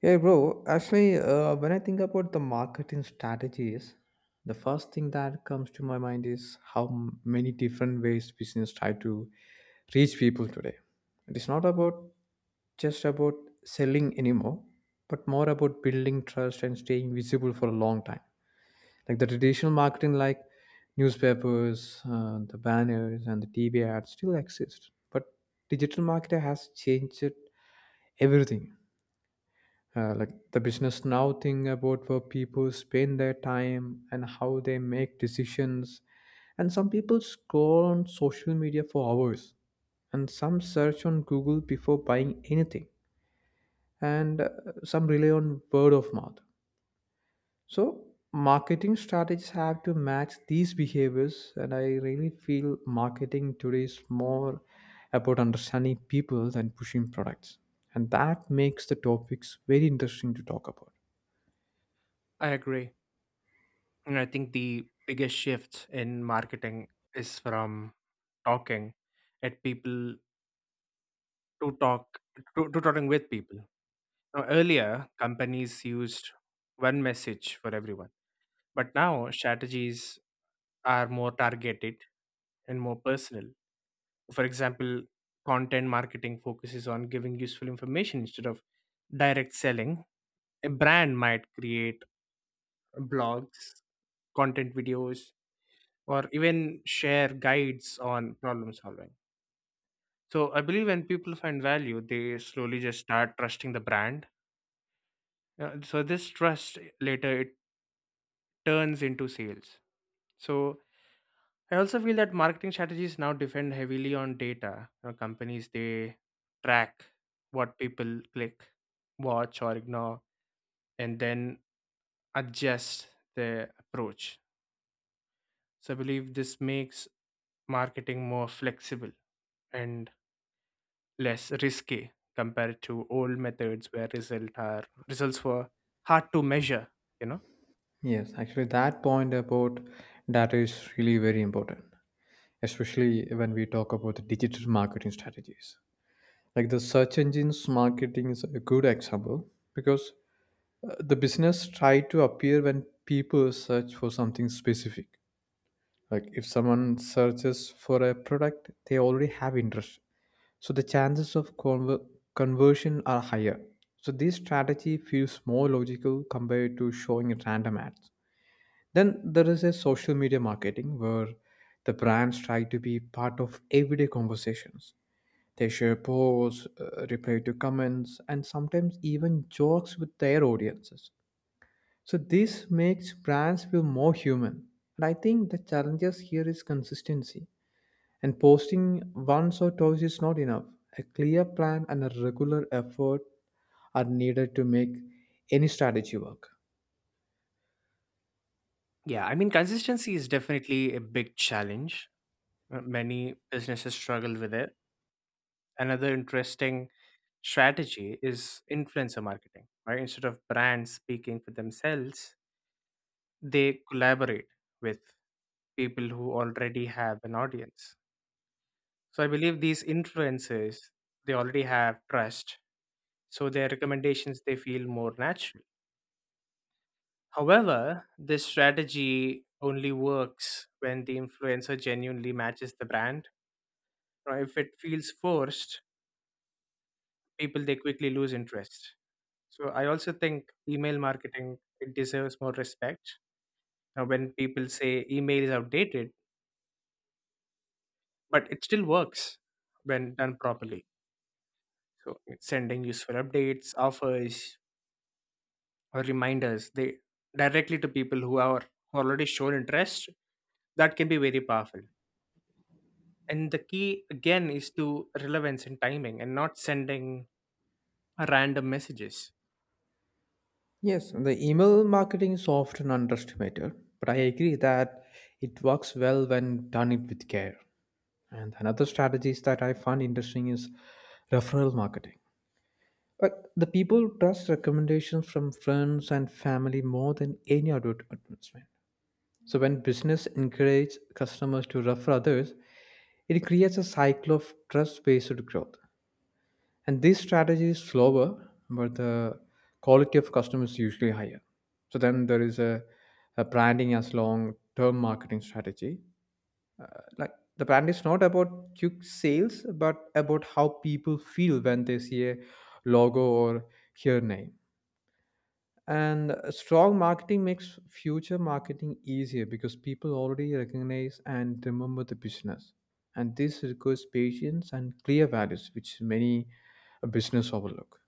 Hey bro, actually, when I think about the marketing strategies, the first thing that comes to my mind is how many different ways business try to reach people today. It is not about just about selling anymore, but more about building trust and staying visible for a long time. Like the traditional marketing, like newspapers, the banners, and the TV ads, still exist, but digital marketing has changed everything. Like the business now thing about where people spend their time and how they make decisions, and some people scroll on social media for hours, and some search on google before buying anything, and some rely on word of mouth. So marketing strategies have to match these behaviors, and I really feel marketing today is more about understanding people than pushing products, and that makes the topics very interesting to talk about. I agree. And I think the biggest shift in marketing is from talking at people to talking with people. Now, earlier, companies used one message for everyone, but now strategies are more targeted and more personal. For example, content marketing focuses on giving useful information instead of direct selling. A brand might create blogs, content videos, or even share guides on problem solving. So I believe when people find value, they slowly just start trusting the brand. So this trust later it turns into sales. So I also feel that marketing strategies now depend heavily on data. You know, companies they track what people click, watch, or ignore, and then adjust their approach. So I believe this makes marketing more flexible and less risky compared to old methods where results were hard to measure, you know. Yes, actually, that point about data is really very important, especially when we talk about the digital marketing strategies. Like the search engines marketing is a good example because the business try to appear when people search for something specific. Like if someone searches for a product, they already have interest, so the chances of conversion are higher. So this strategy feels more logical compared to showing random ads. Then there is a social media marketing where the brands try to be part of everyday conversations. They share posts, reply to comments, and sometimes even jokes with their audiences. So this makes brands feel more human. And I think the challenges here is consistency. And posting once or twice is not enough. A clear plan and a regular effort are needed to make any strategy work. Yeah, I mean, consistency is definitely a big challenge. Many businesses struggle with it. Another interesting strategy is influencer marketing, right? Instead of brands speaking for themselves, they collaborate with people who already have an audience. So I believe these influencers, they already have trust, so their recommendations, they feel more natural. However, this strategy only works when the influencer genuinely matches the brand. Or if it feels forced, people they quickly lose interest. So I also think email marketing, it deserves more respect. Now, when people say email is outdated, but it still works when done properly. So it's sending useful updates, offers, or reminders they directly to people who are already shown interest, that can be very powerful. And the key again is to relevance and timing, and not sending random messages. Yes, the email marketing is often underestimated, but I agree that it works well when done it with care. And another strategies that I find interesting is referral marketing. But the people trust recommendations from friends and family more than any advertisement. So when business encourage customers to refer others, it creates a cycle of trust-based growth. And this strategy is slower, but the quality of customer is usually higher. So then there is a branding as long term marketing strategy. Like the brand is not about quick sales, but about how people feel when they see a logo or hear name. And strong marketing makes future marketing easier because people already recognize and remember the business. And this requires patience and clear values, which many business overlook.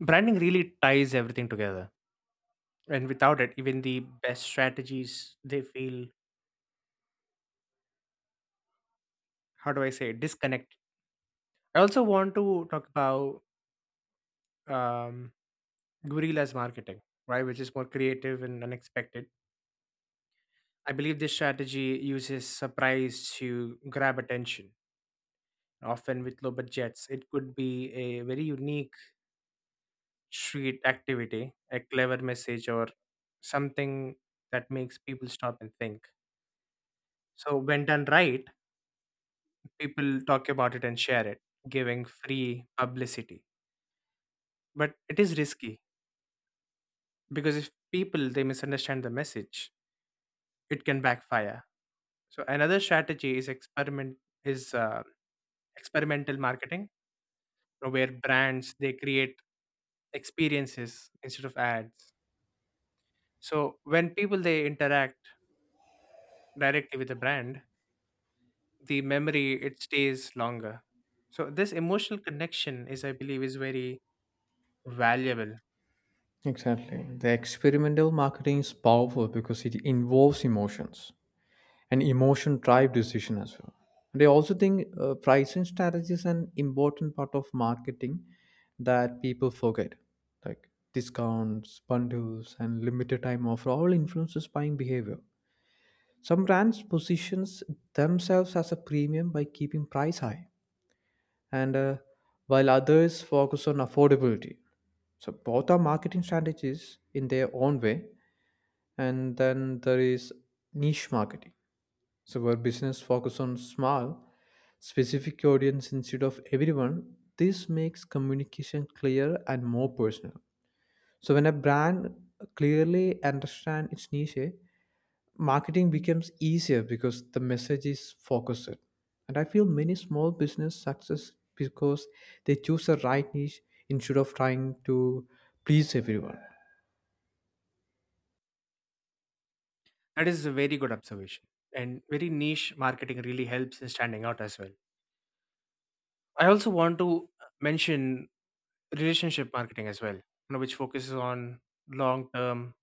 Branding really ties everything together, and without it, even the best strategies they feel, how do I say, disconnect. I also want to talk about um, guerrillas marketing, right, which is more creative and unexpected. I believe this strategy uses surprise to grab attention, often with low budgets. It could be a very unique street activity, a clever message, or something that makes people stop and think. So, when done right, people talk about it and share it, giving free publicity. But it is risky because if people they misunderstand the message, it can backfire. So, another strategy is is uh, experimental marketing, where brands they create experiences instead of ads. So, when people they interact directly with the brand, the memory it stays longer. So this emotional connection is, I believe, is very valuable. Exactly. The experimental marketing is powerful because it involves emotions and emotion drive decision as well. And I also think pricing strategy is an important part of marketing that people forget. Like discounts, bundles, and limited time offer all influences buying behavior. Some brands positions themselves as a premium by keeping price high, and while others focus on affordability. So both are marketing strategies in their own way, and then there is niche marketing, so where business focus on small specific audience instead of everyone. This makes communication clear and more personal. So when a brand clearly understands its niche, marketing becomes easier because the message is focused, and I feel many small business success because they choose the right niche instead of trying to please everyone. That is a very good observation, and very niche marketing really helps in standing out as well. I also want to mention relationship marketing as well, you know, which focuses on long term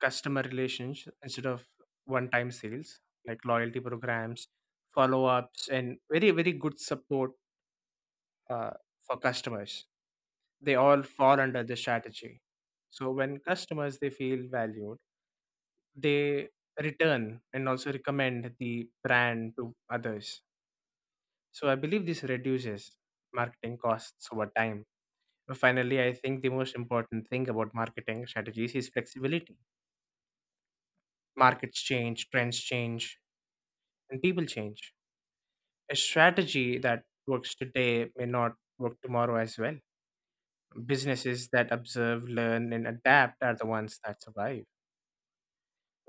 customer relations instead of one time sales. Like loyalty programs, follow ups, and very good support uh, for customers, they all fall under this strategy. So when customers they feel valued, they return and also recommend the brand to others. So I believe this reduces marketing costs over time. But finally, I think the most important thing about marketing strategies is flexibility. Markets change, trends change, and people change. A strategy that works today may not work tomorrow as well. Businesses that observe, learn, and adapt are the ones that survive.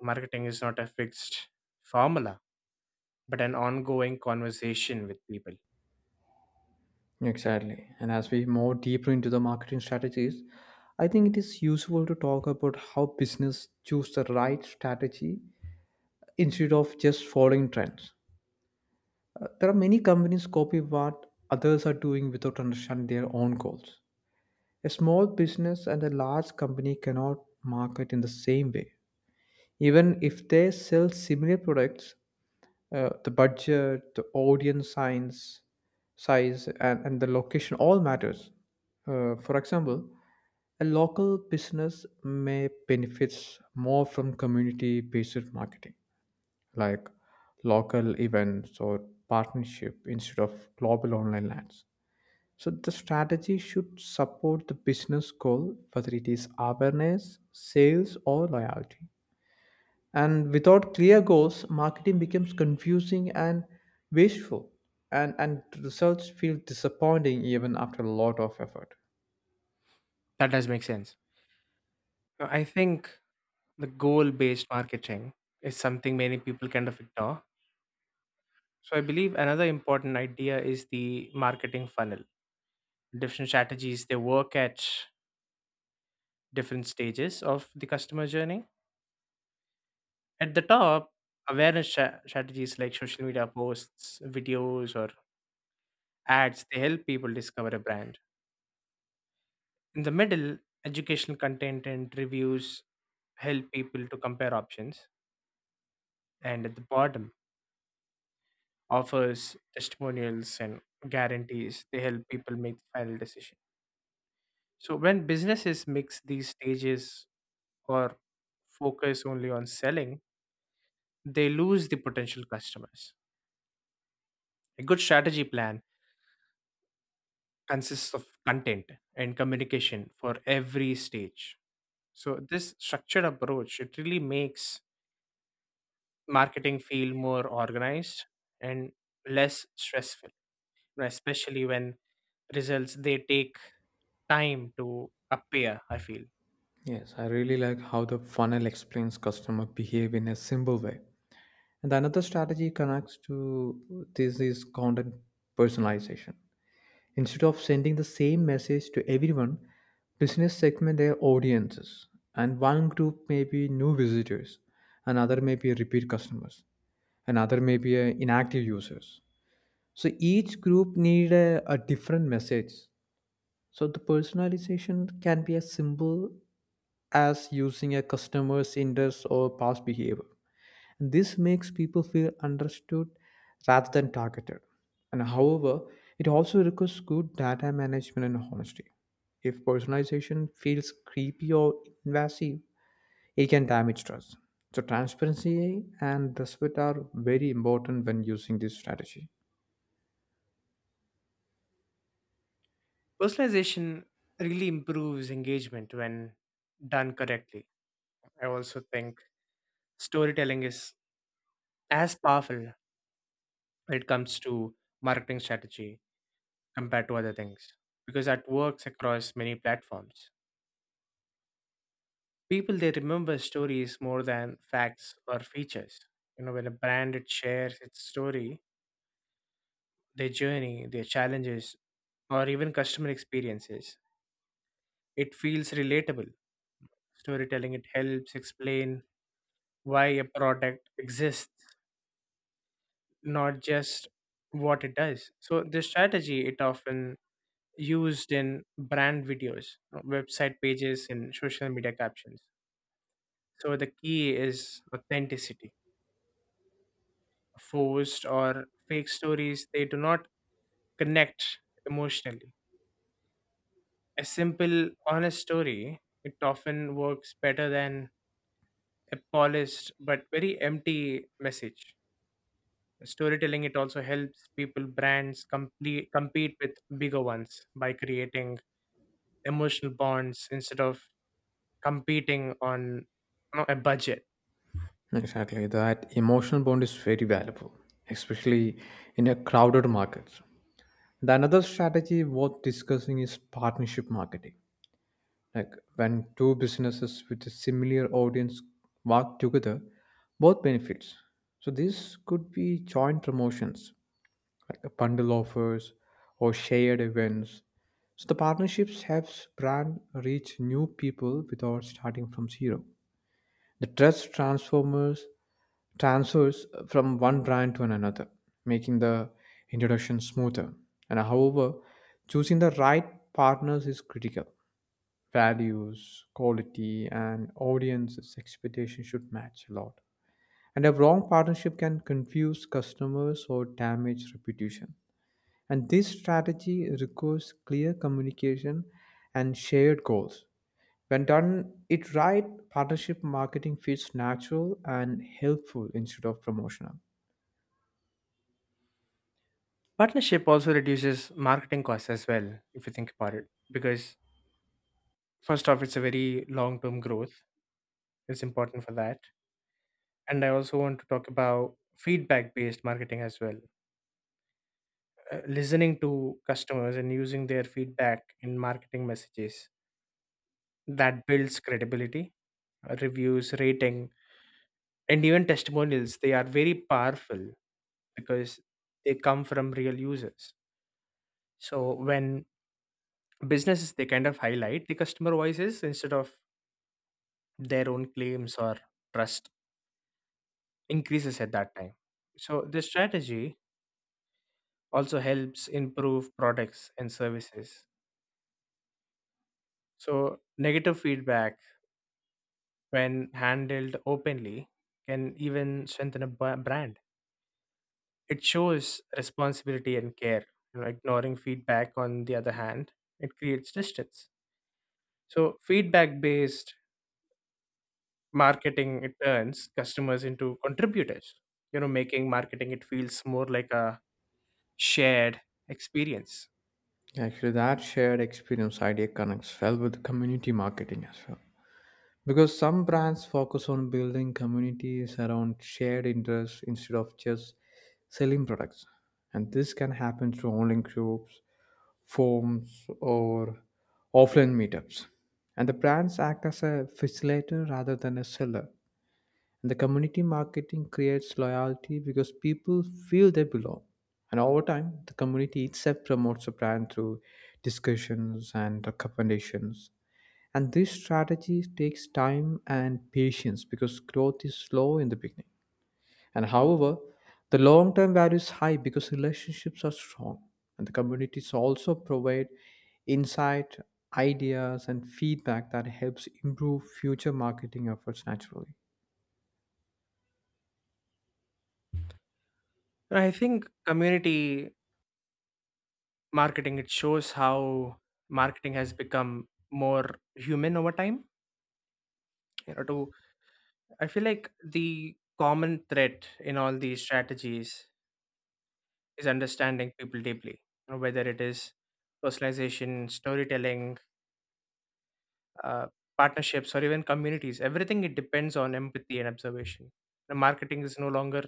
Marketing is not a fixed formula, but an ongoing conversation with people. Exactly. And as we move deeper into the marketing strategies, I think it is useful to talk about how business choose the right strategy instead of just following trends. There are many companies copy what others are doing without understanding their own goals. A small business and a large company cannot market in the same way. Even if they sell similar products, the budget, the audience size, and the location all matters. For example, a local business may benefits more from community-based marketing, like local events or partnership instead of global online ads. So the strategy should support the business goal, whether it is awareness, sales, or loyalty. And without clear goals, marketing becomes confusing and wasteful, and results feel disappointing even after a lot of effort. That does make sense. Now, I think the goal based marketing is something many people kind of ignore. So I believe another important idea is the marketing funnel. Different strategies they work at different stages of the customer journey. At the top, awareness strategies like social media posts, videos, or ads they help people discover a brand. In the middle, educational content and reviews help people to compare options, and at the bottom, offers, testimonials and guarantees, they help people make the final decision. So when businesses mix these stages or focus only on selling, they lose the potential customers. A good strategy plan consists of content and communication for every stage. So this structured approach it really makes marketing feel more organized and less stressful, you know, especially when results they take time to appear, I feel. Yes, I really like how the funnel explains customer behavior in a simple way. And another strategy connects to this is content personalization. Instead of sending the same message to everyone, business segment their audiences. And one group may be new visitors, another may be repeat customers. Another may be a inactive users. So each group need a different message. So the personalization can be as simple as using a customer's interest or past behavior. And this makes people feel understood rather than targeted. And however, it also requires good data management and honesty. If personalization feels creepy or invasive, it can damage trust. So transparency and respect are very important when using this strategy. Personalization really improves engagement when done correctly. I also think storytelling is as powerful when it comes to marketing strategy compared to other things, because that works across many platforms. People they remember stories more than facts or features. You know, when a brand it shares its story, their journey, their challenges, or even customer experiences, it feels relatable. Storytelling it helps explain why a product exists, not just what it does. So this strategy it often used in brand videos, website pages, and social media captions. So the key is authenticity. Forced or fake stories they do not connect emotionally. A simple, honest story it often works better than a polished but very empty message. Storytelling it also helps people brands complete compete with bigger ones by creating emotional bonds instead of competing on, you know, a budget. Exactly, that emotional bond is very valuable, especially in a crowded market. The another strategy worth discussing is partnership marketing. Like when two businesses with a similar audience work together, both benefits. So this could be joint promotions, bundle offers, or shared events. So the partnerships helps brand reach new people without starting from zero. The trust transformers transfers from one brand to another, making the introduction smoother. And however, choosing the right partners is critical. Values, quality, and audience's expectations should match a lot. And a wrong partnership can confuse customers or damage reputation. And this strategy requires clear communication and shared goals. When done it right, partnership marketing feels natural and helpful instead of promotional. Partnership also reduces marketing costs as well, if you think about it, because first off, it's a very long term growth. It's important for that. And I also want to talk about feedback based marketing as well. Listening to customers and using their feedback in marketing messages, that builds credibility. Reviews, rating, and even testimonials, they are very powerful because they come from real users. So when businesses they kind of highlight the customer voices instead of their own claims, or trust increases at that time. So this strategy also helps improve products and services. So negative feedback, when handled openly, can even strengthen a brand. It shows responsibility and care. You know, ignoring feedback, on the other hand, it creates distance. So, feedback based marketing it turns customers into contributors, you know, making marketing it feels more like a shared experience. Actually, that shared experience idea connects well with community marketing as well. Because some brands focus on building communities around shared interests instead of just selling products. And this can happen through online groups, forums, or offline meetups. And the brands act as a facilitator rather than a seller. And the community marketing creates loyalty because people feel they belong. And over time, the community itself promotes the brand through discussions and recommendations. And this strategy takes time and patience because growth is slow in the beginning. And however, the long term value is high because relationships are strong, and the communities also provide insight, ideas, and feedback that helps improve future marketing efforts naturally. I think community marketing it shows how marketing has become more human over time. You know, to, I feel like the common thread in all these strategies is understanding people deeply. You know, whether it is personalization, storytelling, uh, partnerships, or even communities, everything it depends on empathy and observation. The marketing is no longer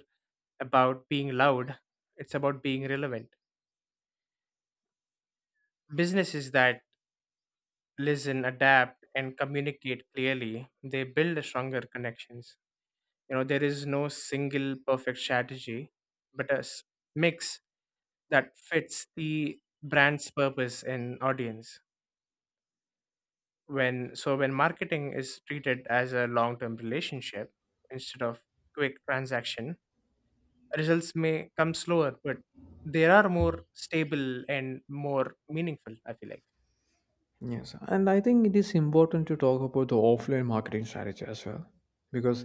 about being loud, it's about being relevant. Businesses that listen, adapt, and communicate clearly, they build stronger connections. You know, there is no single perfect strategy, but a mix that fits the brand's purpose and audience. When so when marketing is treated as a long-term relationship instead of quick transaction, results may come slower, but they are more stable and more meaningful, I feel like. Yes, and I think it is important to talk about the offline marketing strategy as well, because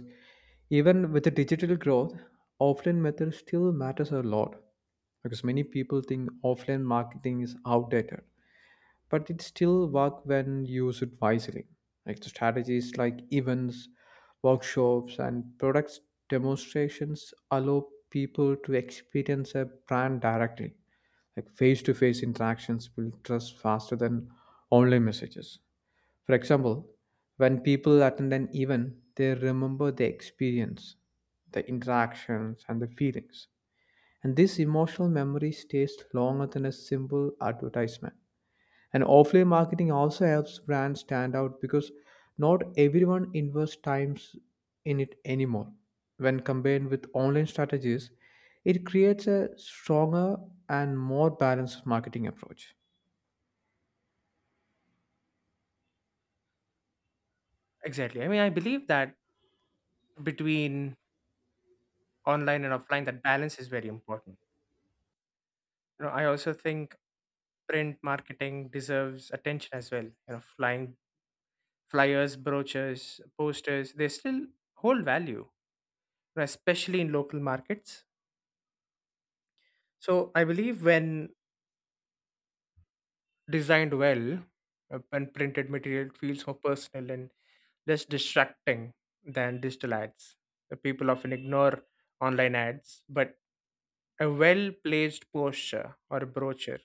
even with the digital growth, offline method still matters a lot, because many people think offline marketing is outdated, but it still work when used wisely. Like the strategies like events, workshops, and products demonstrations allow people to experience a brand directly. Like face to face interactions build trust faster than online messages. For example, when people attend an event, they remember the experience, the interactions, and the feelings. And this emotional memory stays longer than a simple advertisement. And offline marketing also helps brands stand out because not everyone invests times in it anymore. When combined with online strategies, it creates a stronger and more balanced marketing approach. Exactly. I mean, I believe that between online and offline, that balance is very important. You know, I also think print marketing deserves attention as well. You know, flying flyers, brochures, posters, they still hold value, you know, especially in local markets. So I believe when designed well, when printed material feels more personal and less distracting than digital ads. The people often ignore online ads, but a well placed posture or a brochure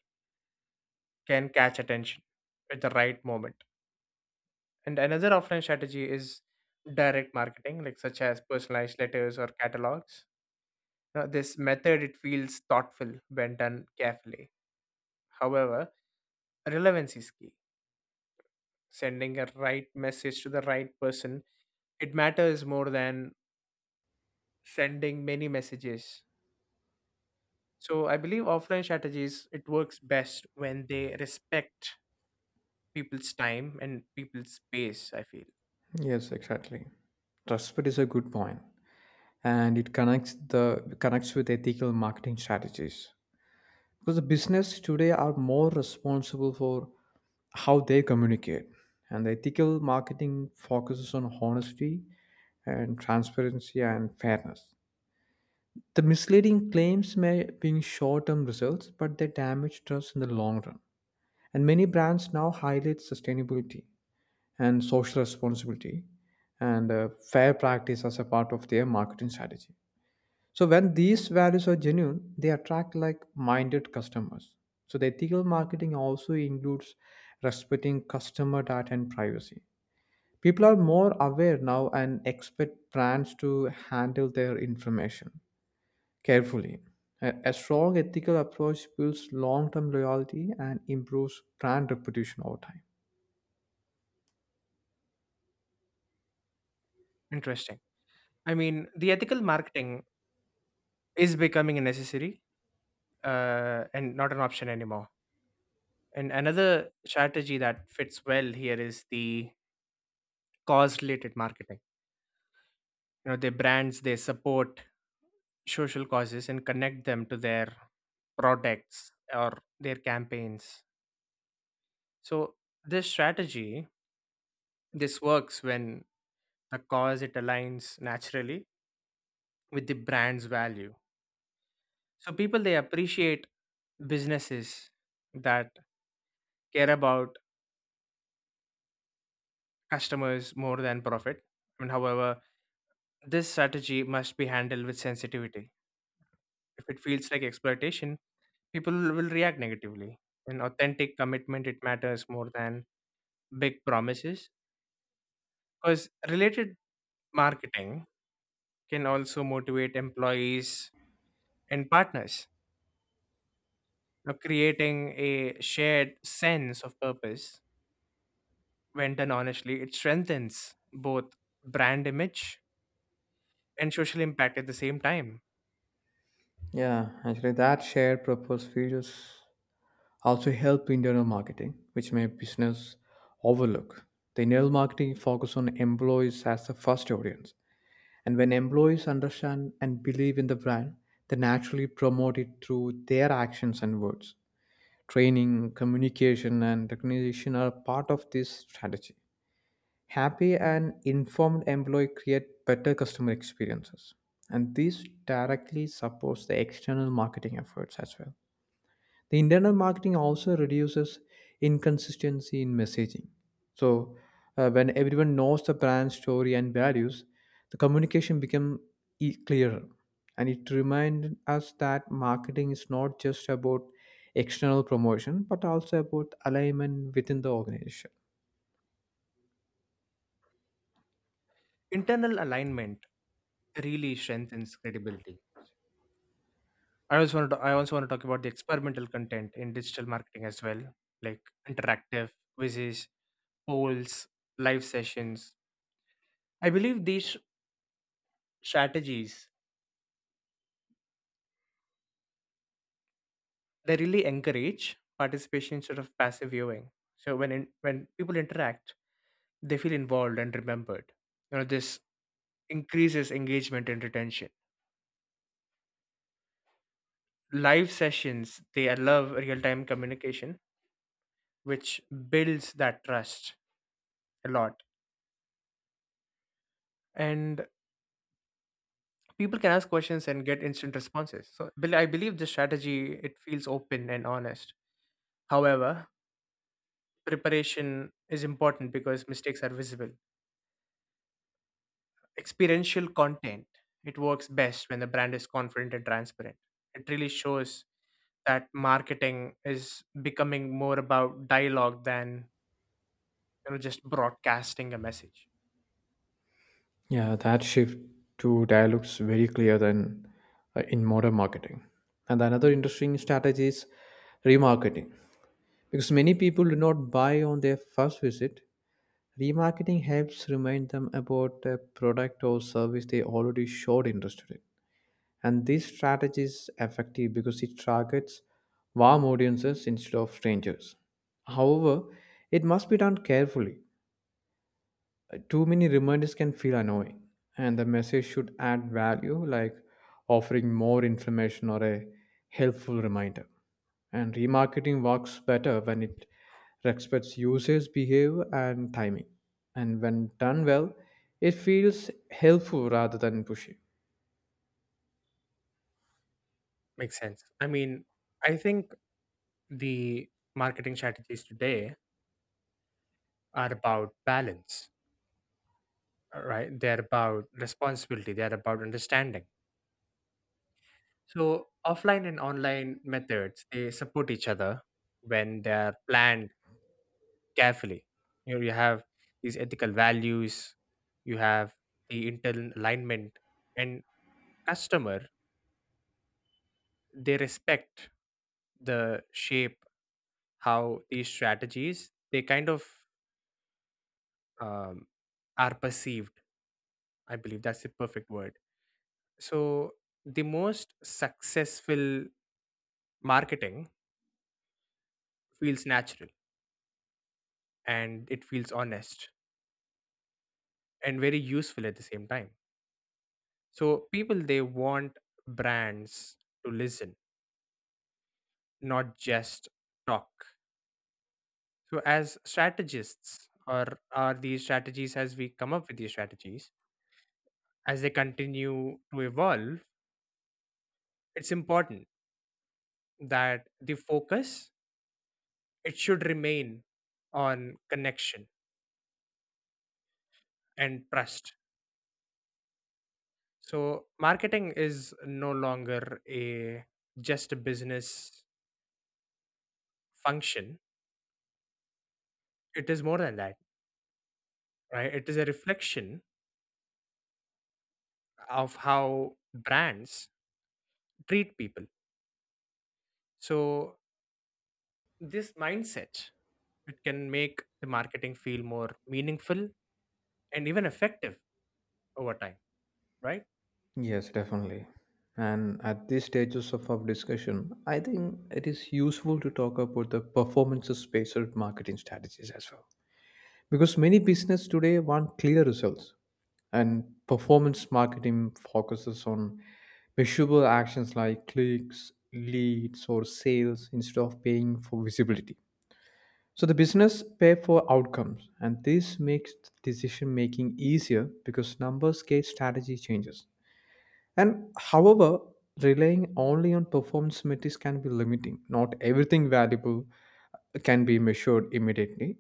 can catch attention at the right moment. And another offline strategy is direct marketing, like such as personalized letters or catalogs. Now, this method it feels thoughtful when done carefully. However, relevance is key. Sending a right message to the right person, it matters more than sending many messages. So I believe offline strategies it works best when they respect people's time and people's space, I feel. Yes, exactly. Trust, but is a good point, and it connects with ethical marketing strategies because the business today are more responsible for how they communicate, and the ethical marketing focuses on honesty and transparency and fairness. The misleading claims may bring short term results, but they damage trust in the long run. And many brands now highlight sustainability and social responsibility and fair practice as a part of their marketing strategy. So, when these values are genuine, they attract like minded customers. So, the ethical marketing also includes respecting customer data and privacy. People are more aware now and expect brands to handle their information carefully. A strong ethical approach builds long term loyalty and improves brand reputation over time. Interesting. I mean, the ethical marketing is becoming necessary, and not an option anymore. And another strategy that fits well here is the cause related marketing. You know, the brands they support social causes and connect them to their products or their campaigns. So this strategy, this works when the cause it aligns naturally with the brand's value. So people they appreciate businesses that care about customers more than profit. I mean, however, this strategy must be handled with sensitivity. If it feels like exploitation, people will react negatively. In authentic commitment, it matters more than big promises, because related marketing can also motivate employees and partners. Now, creating a shared sense of purpose, when done honestly, it strengthens both brand image and social impact at the same time. Yeah, actually, that shared purpose features also help internal marketing, which may business overlook. The internal marketing focus on employees as the first audience, and when employees understand and believe in the brand, they naturally promote it through their actions and words. Training, communication, and recognition are part of this strategy. Happy and informed employee create better customer experiences, and this directly supports the external marketing efforts as well. The internal marketing also reduces inconsistency in messaging. So, when everyone knows the brand story and values, the communication becomes clearer. And it reminds us that marketing is not just about external promotion, but also about alignment within the organization. Internal alignment really strengthens credibility. I also want to talk about the experimental content in digital marketing as well, like interactive quizzes, polls, live sessions. I believe these strategies they really encourage participation instead of passive viewing. So when people interact, they feel involved and remembered. You know, this increases engagement and retention. Live sessions they allow real time communication, which builds that trust a lot. And people can ask questions and get instant responses. So I believe this strategy it feels open and honest. However, preparation is important because mistakes are visible. Experiential content it works best when the brand is confident and transparent. It really shows that marketing is becoming more about dialogue than, you know, just broadcasting a message. Yeah, that shift to dialogues very clear than in modern marketing. And another interesting strategy is remarketing. Because many people do not buy on their first visit, remarketing helps remind them about the product or service they already showed interest in. And this strategy is effective because it targets warm audiences instead of strangers. However, it must be done carefully. Too many reminders can feel annoying, and the message should add value, like offering more information or a helpful reminder. And remarketing works better when it respects users' behavior and timing. And when done well, it feels helpful rather than pushy. Makes sense. I mean, I think the marketing strategies today are about balance, right? They're about responsibility, they're about understanding. So offline and online methods they support each other when they're planned carefully. You know, you have these ethical values, you have the internal alignment, and customer they respect the shape how these strategies they kind of, um, are perceived, I believe that's the perfect word. So the most successful marketing feels natural, and it feels honest, and very useful at the same time. So people they want brands to listen, not just talk. So as we come up with these strategies, as they continue to evolve, it's important that the focus, it should remain on connection and trust. So marketing is no longer a just a business function, it is more than that, right? It is a reflection of how brands treat people. So this mindset it can make the marketing feel more meaningful and even effective over time, right? Yes, definitely. And at these stages of our discussion, I think it is useful to talk about the performance of spacer marketing strategies as well. Because many business today want clear results, and performance marketing focuses on measurable actions like clicks, leads, or sales instead of paying for visibility. So the business pay for outcomes, and this makes decision making easier because numbers gauge strategy changes. And however, relying only on performance metrics can be limiting. Not everything valuable can be measured immediately,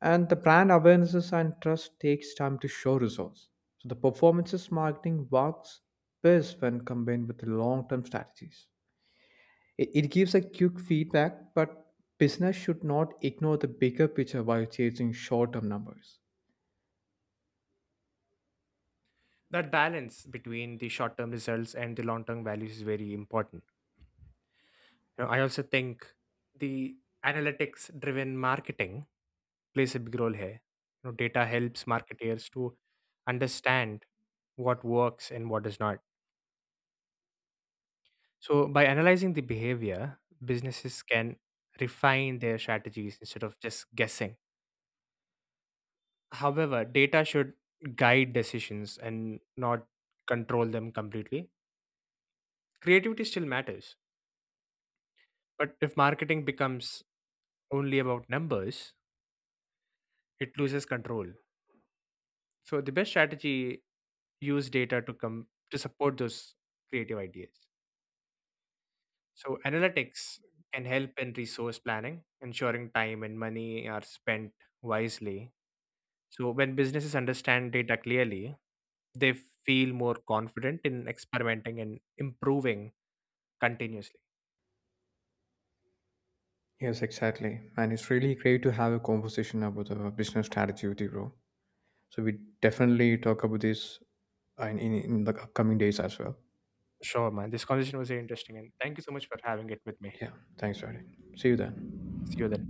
and the brand awarenesses and trust takes time to show results. So the performances marketing works best when combined with long-term strategies. It gives a quick feedback, but business should not ignore the bigger picture while chasing short-term numbers. That balance between the short term results and the long term values is very important. You know, I also think the analytics driven marketing plays a big role here. You know, data helps marketers to understand what works and what does not. So, by analyzing the behavior, businesses can refine their strategies instead of just guessing. However, data should guide decisions and not control them completely. Creativity still matters, but if marketing becomes only about numbers, it loses control. So, the best strategy use data to come to support those creative ideas. So, analytics can help in resource planning, ensuring time and money are spent wisely. So when businesses understand data clearly, they feel more confident in experimenting and improving continuously. Yes, exactly. And it's really great to have a conversation about the business strategy with you, bro. So we definitely talk about this in the upcoming days as well. Sure, man. This conversation was very interesting, and thank you so much for having it with me. Yeah, thanks, Radhi. See you then. See you then.